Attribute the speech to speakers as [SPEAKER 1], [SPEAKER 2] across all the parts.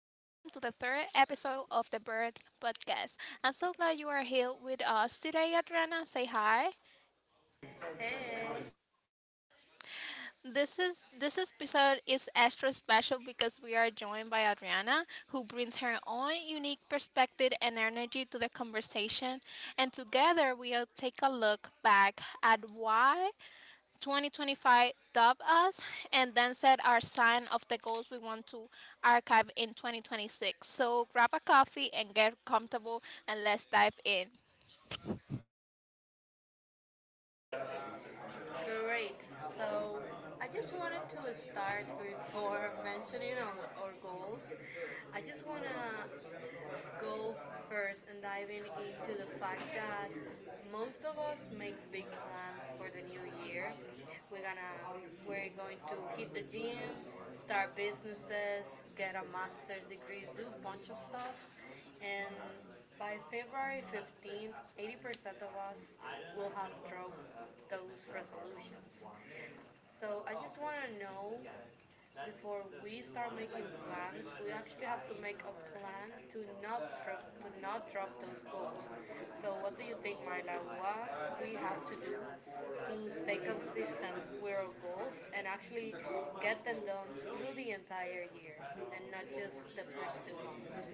[SPEAKER 1] the third episode of the Bird Podcast. I'm so glad you are here with us today, Adriana. Say hi.
[SPEAKER 2] Hey,
[SPEAKER 1] This episode is extra special because we are joined by Adriana, who brings her own unique perspective and energy to the conversation, and together we'll take a look back at why 2025 dubbed us and then set our sign of the goals we want to archive in 2026. So grab a coffee and get comfortable and let's dive in.
[SPEAKER 2] great. So I just wanted to start before mentioning on our goals. I just wanna go first and diving into the fact that most of us make big plans for the new year. We're gonna we're going to hit the gym, start businesses, get a master's degree, do a bunch of stuff. And by February 15th, 80% of us will have dropped those resolutions. So I just want to know before we start making plans, we actually have to make a plan to not drop those goals. So what do you think, Myla? What we have to do to stay consistent with our goals and actually get them done through the entire year and not just the first 2 months?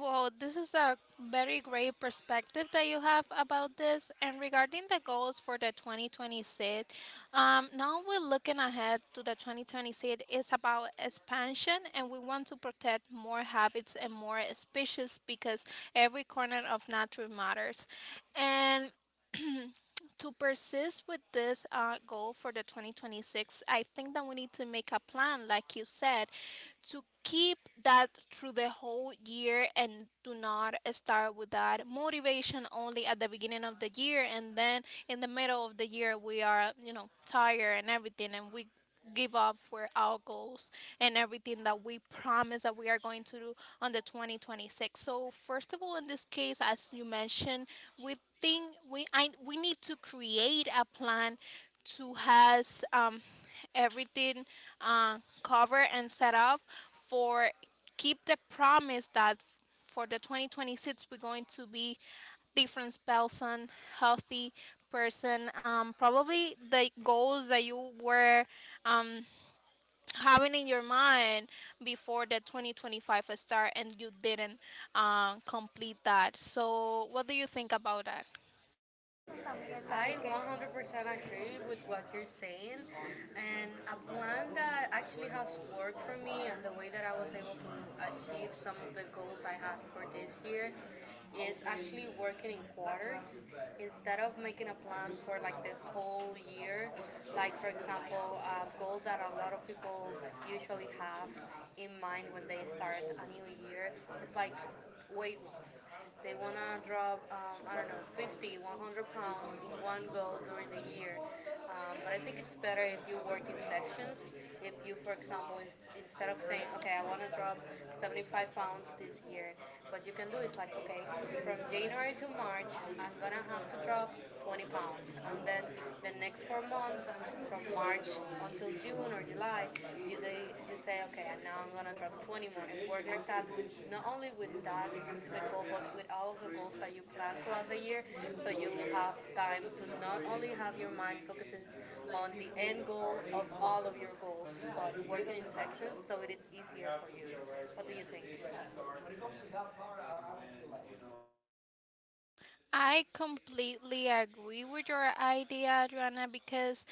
[SPEAKER 1] Well, this is a very great perspective that you have about this. And regarding the goals for the 2026, now we're looking ahead to the 2026. It's about expansion, and we want to protect more habits and more species because every corner of nature matters. And to persist with this goal for the 2026, I think that we need to make a plan, like you said, to keep that through the whole year and do not start with that motivation only at the beginning of the year. And then in the middle of the year we are, you know, tired and everything, and we give up for our goals and everything that we promise that we are going to do on the 2026. So first of all, in this case, as you mentioned, we think we need to create a plan to has everything uh, covered and set up for keep the promise that for the 2026 we're going to be different person, healthy person. Probably the goals that you were um, having in your mind before the 2025 start and you didn't complete that. So, what do you think about that?
[SPEAKER 2] I 100% agree with what you're saying. And a plan that actually has worked for me and the way that I was able to achieve some of the goals I have for this year is actually working in quarters instead of making a plan for like the whole year. Like, for example, a goal that a lot of people usually have in mind when they start a new year is like weight loss they want to drop, I don't know, 50, 100 pounds in one go during the year. But I think it's better if you work in sections. If you, for example, in, Instead of saying, okay, I want to drop 75 pounds this year, what you can do is like, okay, from January to March, I'm going to have to drop 20 pounds. And then the next 4 months, from March until June or July, you say, okay, and now I'm gonna drop 20 more and work like that with not only with that specific goal, but with all of the goals that you plan throughout the year. So you will have time to not only have your mind focusing on the end goal of all of your goals, but working in sections so it is easier for you. What do you think?
[SPEAKER 1] I completely agree with your idea, Joanna, because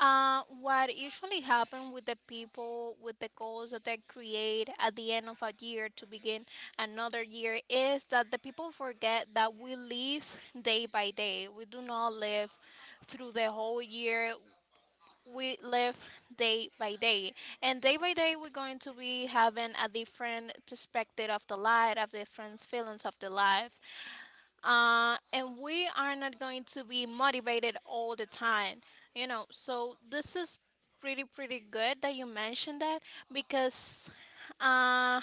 [SPEAKER 1] What usually happens with the people with the goals that they create at the end of a year to begin another year is that the people forget that we live day by day. We do not live through the whole year. We live day by day. And day by day, we're going to be having a different perspective of the life, of different feelings of the life, and we are not going to be motivated all the time, you know. So this is pretty good that you mentioned that, because uh,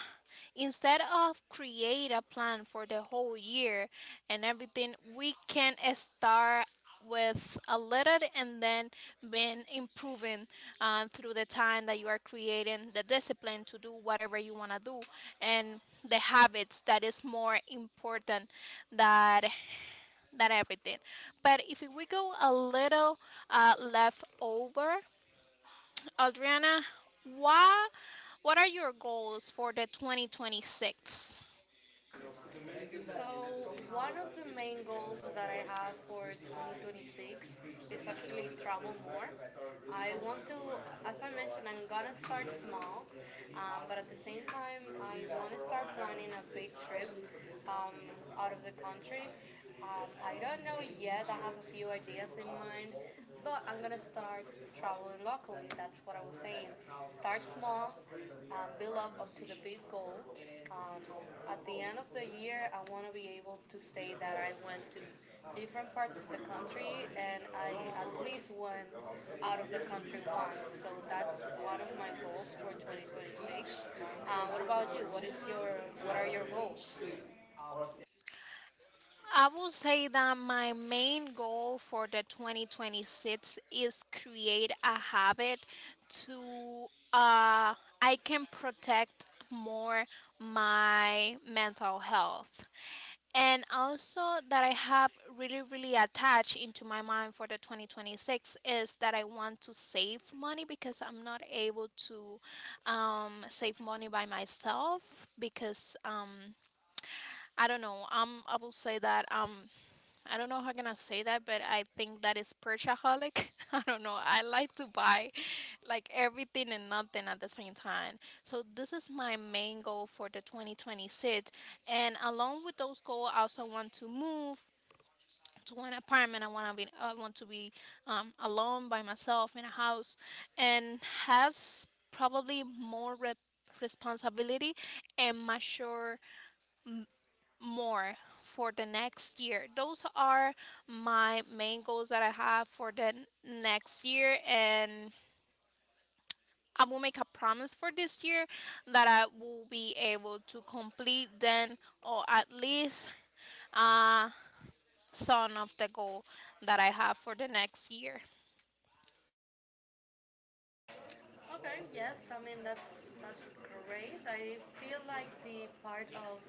[SPEAKER 1] instead of create a plan for the whole year and everything, we can start with a little and then been improving through the time that you are creating the discipline to do whatever you want to do, and the habits that is more important that that everything. But if we go a little left over, Adriana, why what are your goals for the 2026?
[SPEAKER 2] So one of the main goals that I have for 2026 is actually travel more. I want to, as I mentioned, I'm gonna start small, but at the same time, I want to start planning a big trip um, out of the country. I don't know yet. I have a few ideas in mind, but I'm gonna start traveling locally. That's what I was saying. Start small, build up to the big goal. Um, at the end of the year, I want to be able to say that I went to different parts of the country and I at least went out of the country once. So that's one of my goals for 2026. What about you? What are your goals?
[SPEAKER 1] I will say that my main goal for the 2026 is create a habit to uh I can protect more my mental health, and also that I have really really attached into my mind for the 2026 is that I want to save money because I'm not able to save money by myself because I don't know, I will say that I don't know how can I say that, but I think that is purchaseaholic. I don't know. I like to buy like everything and nothing at the same time. So this is my main goal for the 2026. And along with those goals, I also want to move to an apartment. I want to be alone by myself in a house, and has probably more responsibility and mature more for the next year. Those are my main goals that I have for the next year, and I will make a promise for this year that I will be able to complete then, or at least uh some of the goal that I have for the next year.
[SPEAKER 2] Okay, yes, I mean that's great. I feel like the part of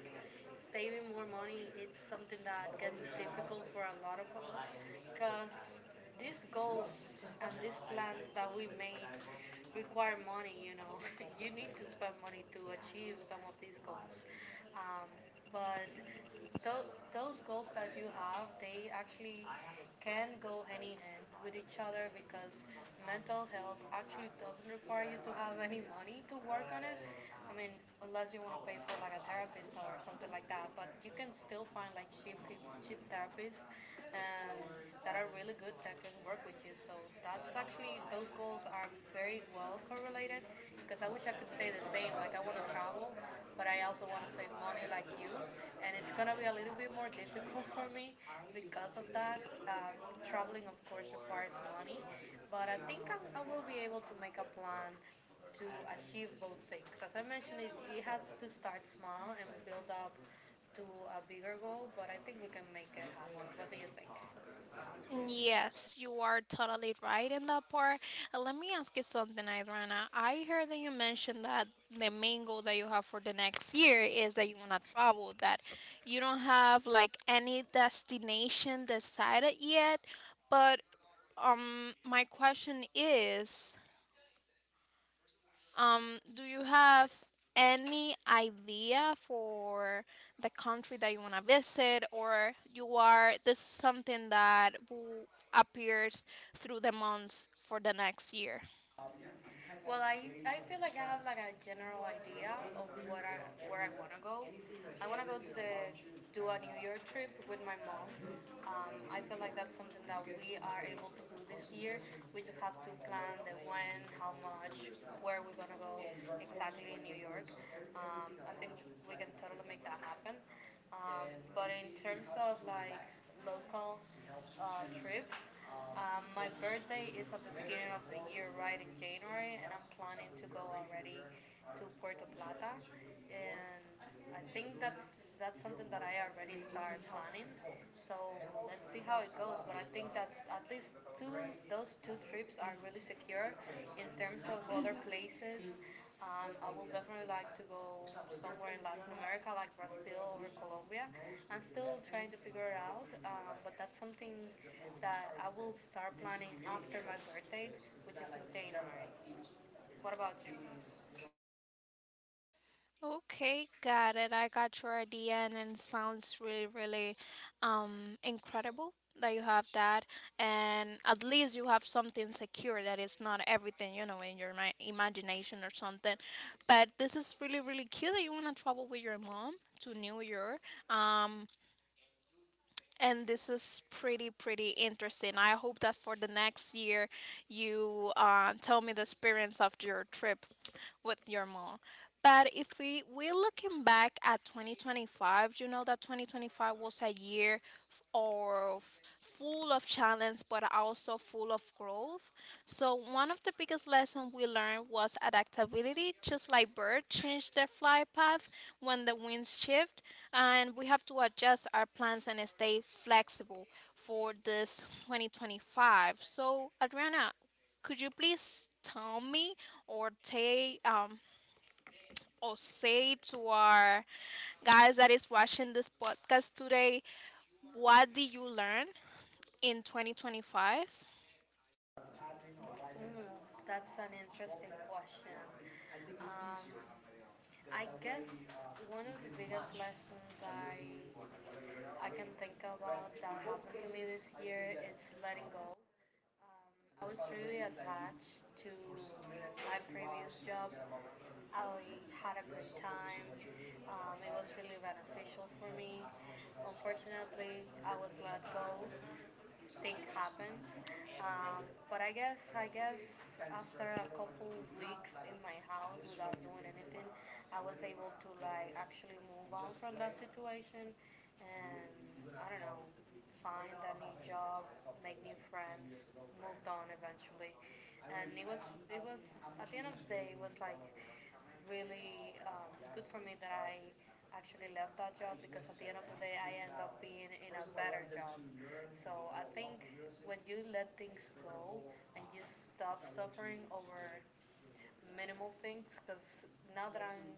[SPEAKER 2] saving more money, it's something that gets difficult for a lot of us because these goals and these plans that we made require money, you know. You need to spend money to achieve some of these goals. Um, but tho- those goals that you have, they actually can go hand in hand with each other because mental health actually doesn't require you to have any money to work on it. I mean, unless you want to pay for like a therapist or something like that, but you can still find like cheap therapists um, that are really good that can work with you. So that's actually those goals are very well correlated because I wish I could say the same. Like I want to travel, but I also want to save money like you, and it's gonna be a little bit more difficult for me because of that. Traveling, of course, requires money, but I think I will be able to make a plan to achieve both things. As I mentioned, it has to start small and build up to a bigger goal, but I think we can make it happen. What do you think? Yes.
[SPEAKER 1] Yes, you are totally right in that part. Let me ask you something, Idrana. I heard that you mentioned that the main goal that you have for the next year is that you want to travel, that you don't have like any destination decided yet. But my question is, do you have any idea for the country that you want to visit, or you are this is something that will appears through the months for the next year?
[SPEAKER 2] Well, I feel like I have like a general idea of what I where I wanna go. I wanna go to the do a New York trip with my mom. I feel like that's something that we are able to do this year. We just have to plan the when, how much, where we're gonna go exactly in New York. I think we can totally make that happen. But in terms of like local trips. My birthday is at the beginning of the year, right in January, and I'm planning to go already to Puerto Plata. And I think that's something that I already started planning. So let's see how it goes. But I think that's at least two those two trips are really secure in terms of other places. I would definitely like to go somewhere in Latin America, like Brazil or Colombia. I'm still trying to figure it out, but that's something that I will start planning after my birthday, which is in January. What about you?
[SPEAKER 1] Okay, got it. I got your idea, and it sounds really, really incredible that you have that. And at least you have something secure that it's not everything, you know, in your imagination or something. But this is really, really cute that you want to travel with your mom to New York. Um, and this is pretty, pretty interesting. I hope that for the next year you tell me the experience of your trip with your mom. But if we're looking back at 2025, you know that 2025 was a year f- of full of challenge, but also full of growth. So one of the biggest lessons we learned was adaptability. Just like birds change their flight path when the winds shift, and we have to adjust our plans and stay flexible for this 2025. So Adriana, could you please tell me, or take, or say to our guys that is watching this podcast today, what did you learn in 2025?
[SPEAKER 2] Mm, that's an interesting question. Um, I guess one of the biggest lessons I can think about that happened to me this year is letting go. I was really attached to my previous job. I had a great time. It was really beneficial for me. Unfortunately, I was let go, thing happens. But I guess after a couple weeks in my house without doing anything, I was able to like actually move on from that situation and, I don't know, find a new job, make new friends, moved on eventually. And it was at the end of the day it was like really good for me that I actually left that job because at the end of the day I end up being in a better job. So I think when you let things go and you stop suffering over minimal things, because now that I'm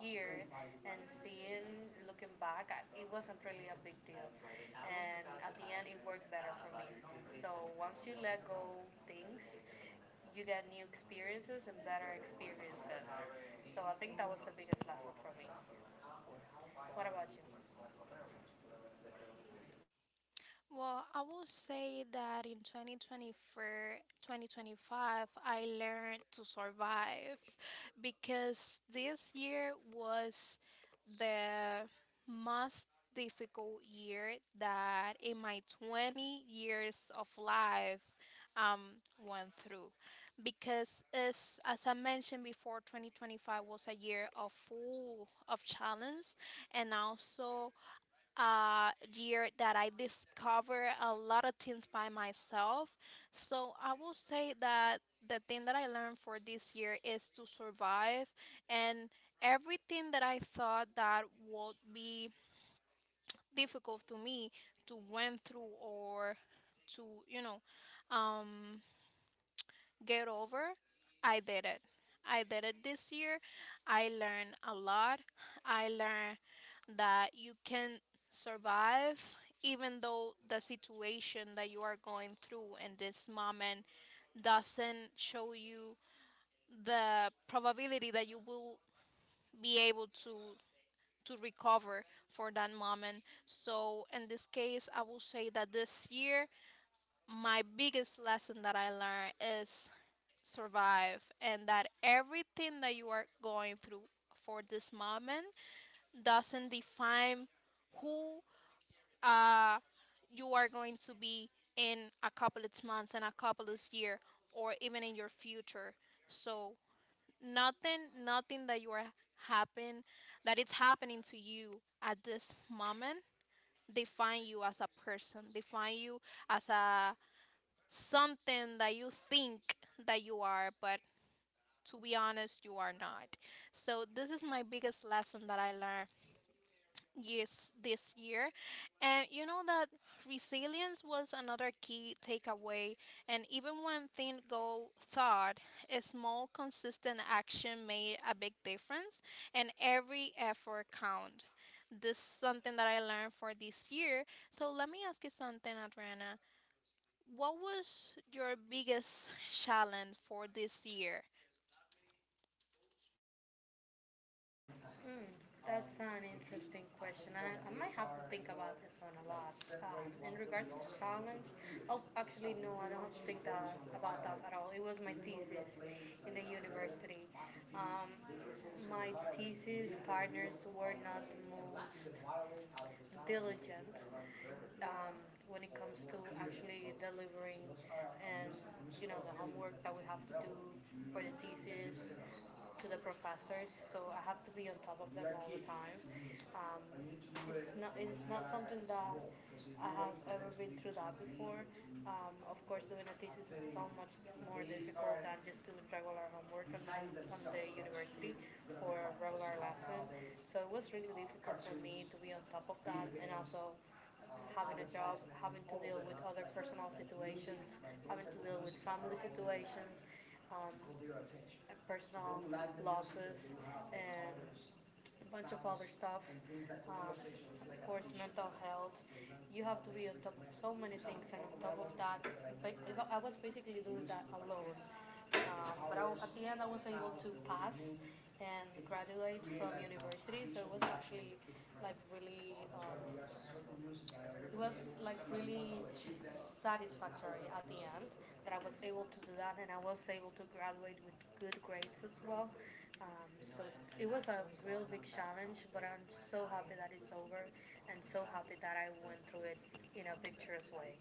[SPEAKER 2] here and seeing, looking back, it wasn't really a big deal. And at the end, it worked better for me. So once you let go things, you get new experiences and better experiences. So I think that was the biggest lesson for me. What about you?
[SPEAKER 1] Well, I will say that in 2024, 2025, I learned to survive because this year was the most difficult year that in my 20 years of life um, went through. Because as I mentioned before, 2025 was a year of full of challenge, and also year that I discovered a lot of things by myself. So I will say that the thing that I learned for this year is to survive, and everything that I thought that would be difficult to me to went through, or to, you know, um, get over. I did it. I did it this year. I learned a lot. I learned that you can survive even though the situation that you are going through in this moment doesn't show you the probability that you will be able to recover for that moment. So in this case, I will say that this year my biggest lesson that I learned is survive, and that everything that you are going through for this moment doesn't define who uh, you are going to be in a couple of months and a couple of years, or even in your future. So nothing that you are happen that it's happening to you at this moment define you as a person, define you as a something that you think that you are, but to be honest, you are not. So this is my biggest lesson that I learned yes this year. And you know that resilience was another key takeaway, and even when things go thought, a small consistent action made a big difference, and every effort count. This is something that I learned for this year. So let me ask you something, Adriana. What was your biggest challenge for this year?
[SPEAKER 2] Hmm, that's an interesting question. I might have to think about this one a lot. In regards to challenge, oh, actually, no, I don't have to about that at all. It was my thesis in the university. Um, my thesis partners were not the most diligent um, when it comes to actually delivering and, you know, the homework that we have to do for the thesis to the professors. So I have to be on top of them all the time. Um, it's not something that I have ever been through that before. Of course, doing a thesis is so much more difficult than just doing regular homework on the university for a regular lesson. So it was really difficult for me to be on top of that and also having a job, having to deal with other personal situations, having to deal with family situations, um, uh, personal losses, and a bunch of other stuff. Of course, mental health. You have to be on top of so many things, and on top of that, was basically doing that alone. But at the end, I was able to pass and graduate from university, so it was actually like really it was like really satisfactory at the end that I was able to do that and I was able to graduate with good grades as well. So it was a real big challenge, but I'm so happy that it's over and so happy that I went through it in a picturesque way.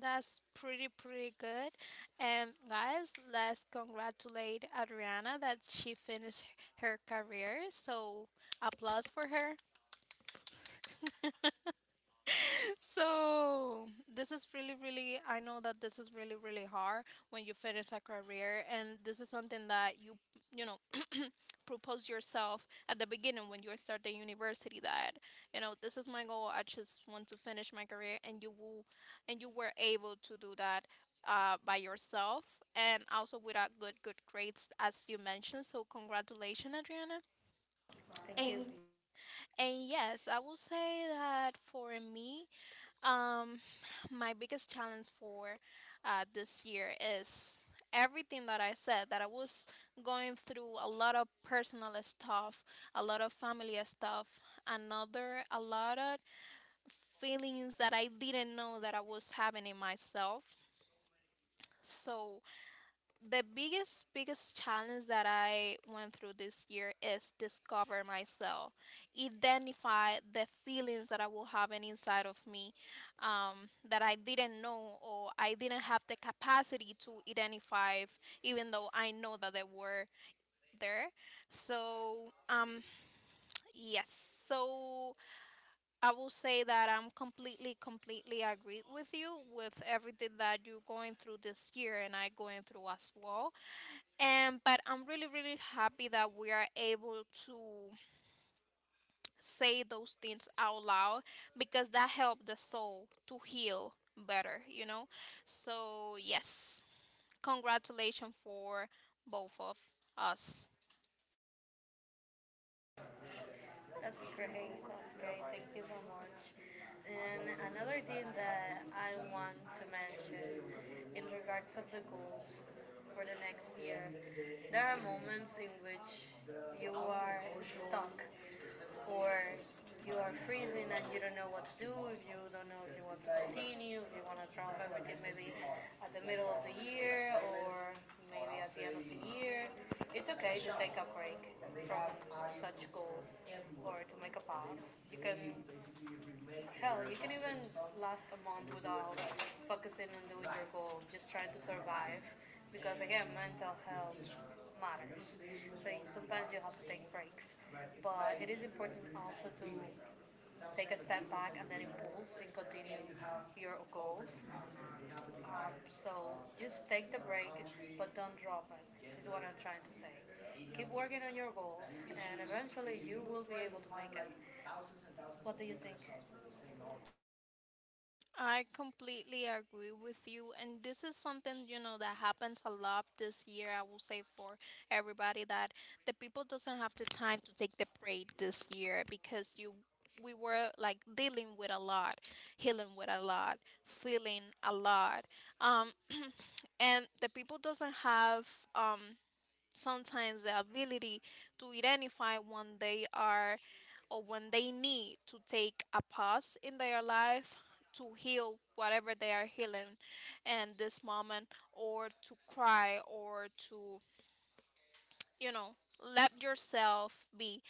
[SPEAKER 1] That's pretty good. And guys, let's congratulate Adriana that she finished her career. So applause for her. So this is really really I know that this is really really hard when you finish a career, and this is something that you know, propose yourself at the beginning when you start the university that, you know, this is my goal. I just want to finish my career, and you will and you were able to do that by yourself, and also without good grades as you mentioned. So congratulations, Adriana.
[SPEAKER 2] Thank you.
[SPEAKER 1] and and yes, I will say that for me, um, my biggest challenge for this year is everything that I said that I was going through a lot of personal stuff, a lot of family stuff, another a lot of feelings that I didn't know that I was having in myself. So the biggest challenge that I went through this year is discover myself, identify the feelings that I will have an inside of me, that I didn't know or I didn't have the capacity to identify, even though I know that they were there. So yes, so I will say that I'm completely agree with you with everything that you're going through this year and I going through as well. And but I'm really really happy that we are able to say those things out loud because that helped the soul to heal better, you know. So yes, congratulations for both of us.
[SPEAKER 2] That's great. That's great. Thank you so much. And another thing that I want to mention in regards of the goals for the next year, there are moments in which you are stuck or you are freezing and you don't know what to do, if you don't know if you want to continue, if you want to drop everything, maybe at the middle of the year or maybe at the end of the year, it's okay to take a break from such goal or to make a pause. You can Hell, you can even last a month without focusing on doing your goal, just trying to survive. Because again, mental health matters. So sometimes you have to take breaks. But it is important also to take a step back and then impulse and continue your goals. So just take the break, but don't drop it, is what I'm trying to say. Keep working on your goals, and eventually you will be able to make it. What do you think?
[SPEAKER 1] I completely agree with you, and this is something, you know, that happens a lot this year. I will say for everybody that the people doesn't have the time to take the break this year because you we were like dealing with a lot, healing with a lot, feeling a lot, um, and the people doesn't have um sometimes the ability to identify when they are or when they need to take a pause in their life to heal whatever they are healing in this moment or to cry or to you know let yourself be.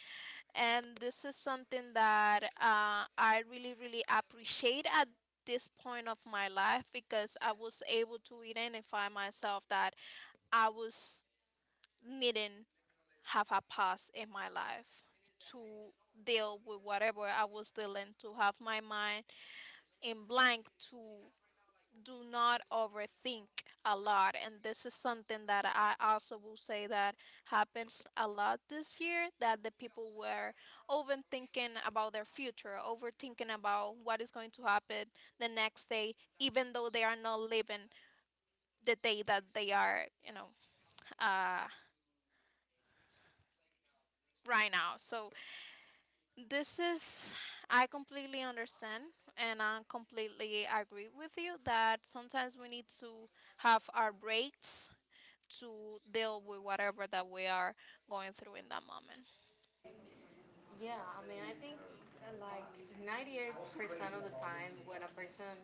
[SPEAKER 1] And this is something that I really appreciate at this point of my life because I was able to identify myself that I was needing have a past in my life to deal with whatever I was dealing, to have my mind in blank, to do not overthink a lot. And this is something that I also will say that happens a lot this year, that the people were overthinking about their future, overthinking about what is going to happen the next day, even though they are not living the day that they are, uh, right now. So this is, I completely understand and I completely agree with you that sometimes we need to have our breaks to deal with whatever that we are going through in that moment.
[SPEAKER 2] Yeah, I mean, I think like 98% of the time, when a person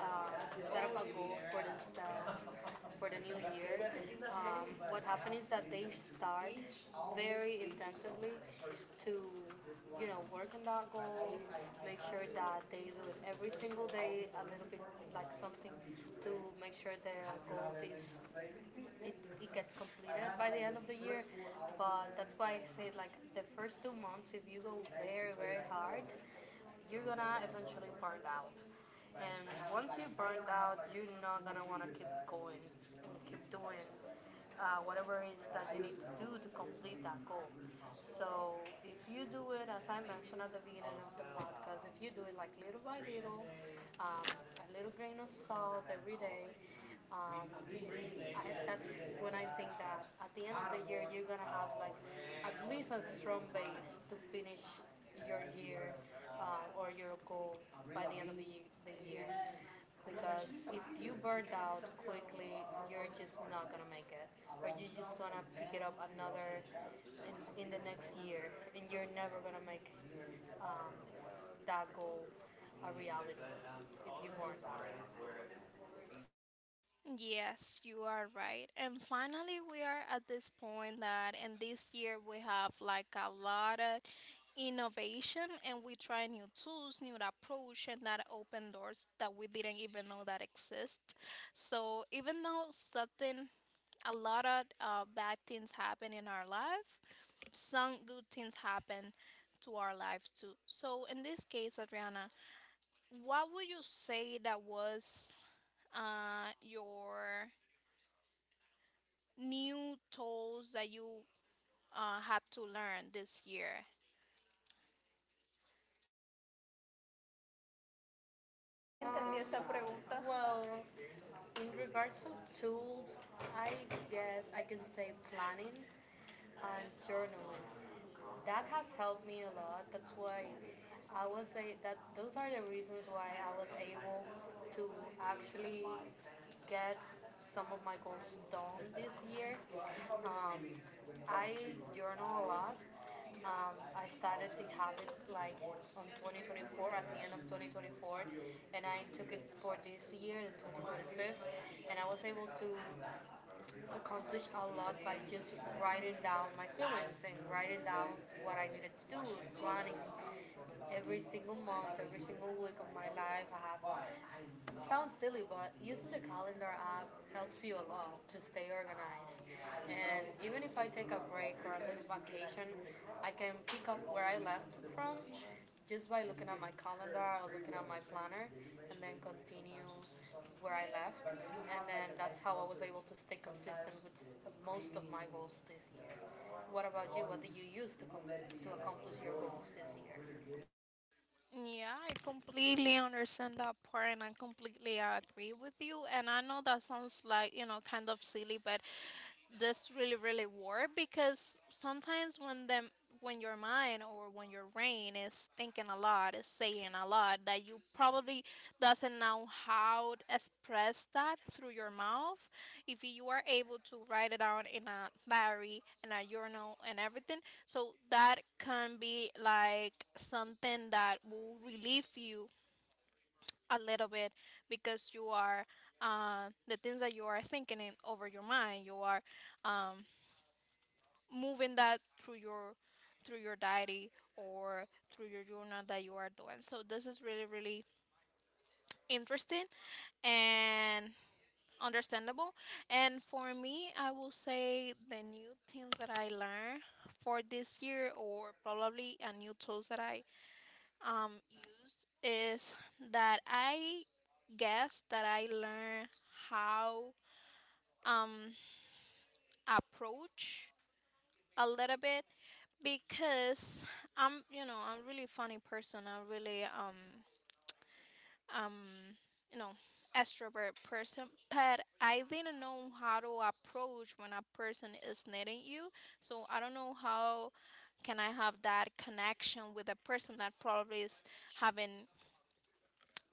[SPEAKER 2] um, set up a goal for themselves for the new year, what happens is that they start very intensively to, you know, work on that goal, make sure that they do it every single day a little bit, like something to make sure their goal is it, it gets completed by the end of the year. But that's why I say like the first 2 months, if you go very hard, you're gonna eventually burn out. And once you burn out, you're not gonna wanna keep going and keep doing whatever it is that you need to do to complete that goal. So if you do it, as I mentioned at the beginning of the podcast, if you do it like little by little, a little grain of salt every day, that's when I think that at the end of the year you're gonna have like at least a strong base to finish your year or your goal by the end of the year. Because if you burn out quickly, you're just not gonna make it, or you're just gonna pick it up another in the next year, and you're never gonna make um, that goal a reality if you burn out.
[SPEAKER 1] Yes, you are right. And finally, we are at this point that, and this year we have like a lot of innovation and we try new tools, new approach, and that open doors that we didn't even know that exist. So even though something a lot of bad things happen in our life. Some good things happen to our lives too. So in this case, Adriana, what would you say that was your new tools that you have to learn this year?
[SPEAKER 2] Entendí esa pregunta. Well, in regards to tools, I guess I can say planning and journaling. That has helped me a lot. That's why I would say that those are the reasons why I was able to actually get some of my goals done this year. Um, I journal a lot. I started the habit like on 2024, at the end of 2024, and I took it for this year, the 2025, and I was able to accomplish a lot by just writing down my feelings and writing down what I needed to do, planning every single month, every single week of my life. I have Sounds silly, but using the calendar app helps you a lot to stay organized. And even if I take a break or a little vacation, I can pick up where I left from just by looking at my calendar or looking at my planner and then continue where I left. And then that's how I was able to stay consistent with most of my goals this year. What about you? What did you use to, to accomplish your goals this year?
[SPEAKER 1] Yeah, I completely understand that part and I completely agree with you. And I know that sounds like, you know, kind of silly, but that's really hard because sometimes when your mind or when your brain is thinking a lot is saying a lot that you probably doesn't know how to express that through your mouth, if you are able to write it down in a diary and a journal and everything. So that can be like something that will relieve you a little bit because you are the things that you are thinking in over your mind, you are um, moving that through your diary or through your journal that you are doing. So this is really interesting and understandable. And for me, I will say the new things that I learned for this year, or probably a new tools that I use, is that I guess that I learned how um approach a little bit, because I'm, you know, I'm really funny person. I'm really um you know, extrovert person, but I didn't know how to approach when a person is needing you. So I don't know how can I have that connection with a person that probably is having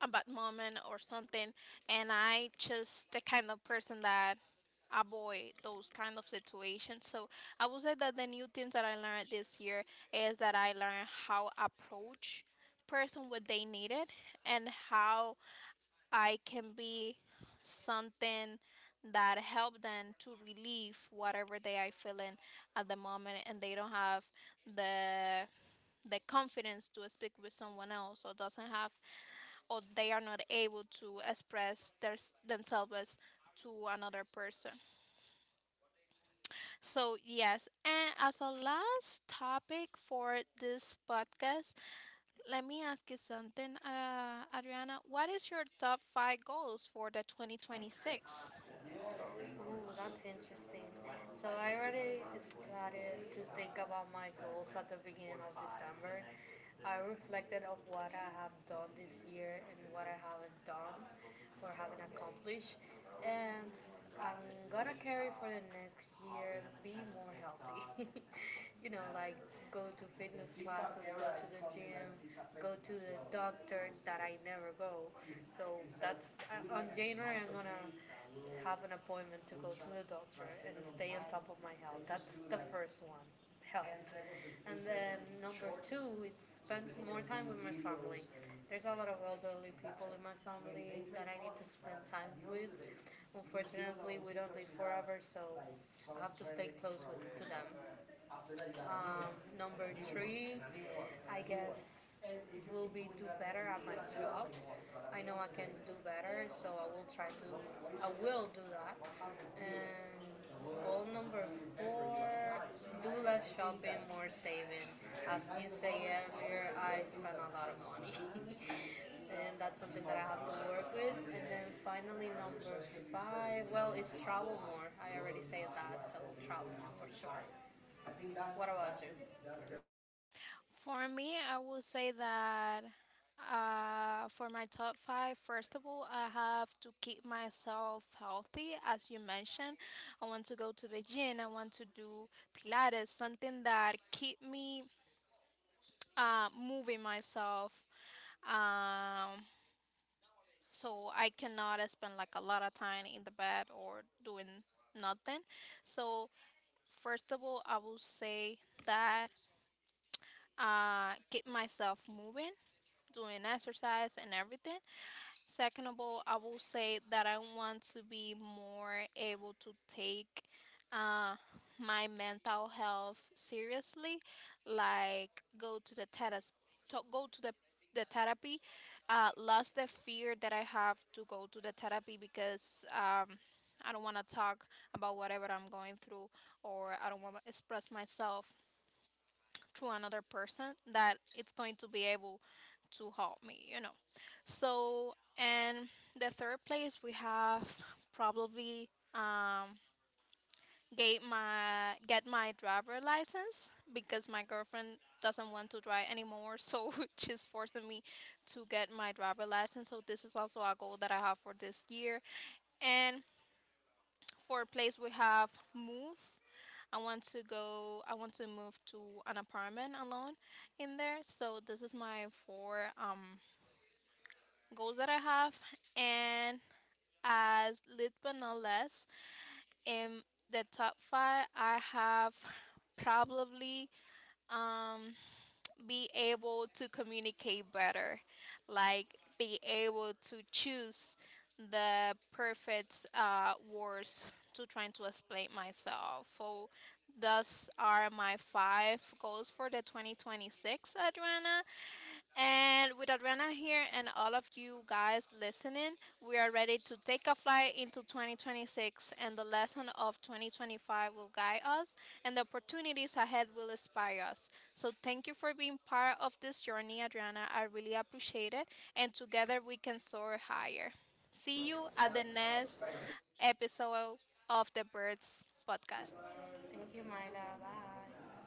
[SPEAKER 1] a bad moment or something, and I just the kind of person that avoid those kind of situations. So I would say that the new things that I learned this year is that I learned how approach person what they needed and how I can be something that help them to relieve whatever they are feeling at the moment, and they don't have the confidence to speak with someone else, or doesn't have, or they are not able to express themselves to another person. So, yes, and as a last topic for this podcast, let me ask you something, Adriana. What is your top five goals for the 2026?
[SPEAKER 2] Ooh, that's interesting. So I already started to think about my goals at the beginning of December. I reflected on what I have done this year and what I haven't done or haven't accomplished, and I'm gonna carry for the next year. Be more healthy. You know, like go to fitness classes, go to the gym, go to the doctor that I never go. So that's, on January, I'm gonna have an appointment to go to the doctor and stay on top of my health. That's the first one, health. And then number two is spend more time with my family. There's a lot of elderly people in my family that I need to spend time with. Unfortunately, we don't live forever, so I have to stay close with, to them. Um, number three, I guess, will be do better at my job. I know I can do better, so I will try to. I will do that. And goal number four, do less shopping, more saving. As you say earlier, I spend a lot of money. And that's something that I have to work with. And then finally, number five, well, it's travel more. I already said that, so travel more for sure. What about you?
[SPEAKER 1] For me, I would say that, for my top five, first of all, I have to keep myself healthy. As you mentioned, I want to go to the gym. I want to do Pilates, something that keep me moving myself. Um, so I cannot spend like a lot of time in the bed or doing nothing. So first of all, I will say that, keep myself moving, doing exercise and everything. Second of all, I will say that I want to be more able to take uh, my mental health seriously, like go to the therapist, go to the therapy, lost the fear that I have to go to the therapy because I don't want to talk about whatever I'm going through, or I don't want to express myself to another person that it's going to be able to help me, you know. So, and the third place we have probably, um, get my driver license, because my girlfriend doesn't want to drive anymore, so she's forcing me to get my driver license. So this is also a goal that I have for this year, and for place we have move. I want to go. I want to move to an apartment alone in there. So this is my four goals that I have. And as lit but not less, in the top five, I have probably um be able to communicate better, like be able to choose the perfect words to trying to explain myself. So thus are my five goals for the 2026, Adriana. And with Adriana here and all of you guys listening, we are ready to take a flight into 2026, and the lesson of 2025 will guide us and the opportunities ahead will inspire us. So thank you for being part of this journey, Adriana. I really appreciate it, and together we can soar higher. See you at the next episode of the Birds podcast.
[SPEAKER 2] Thank you, my love. Bye.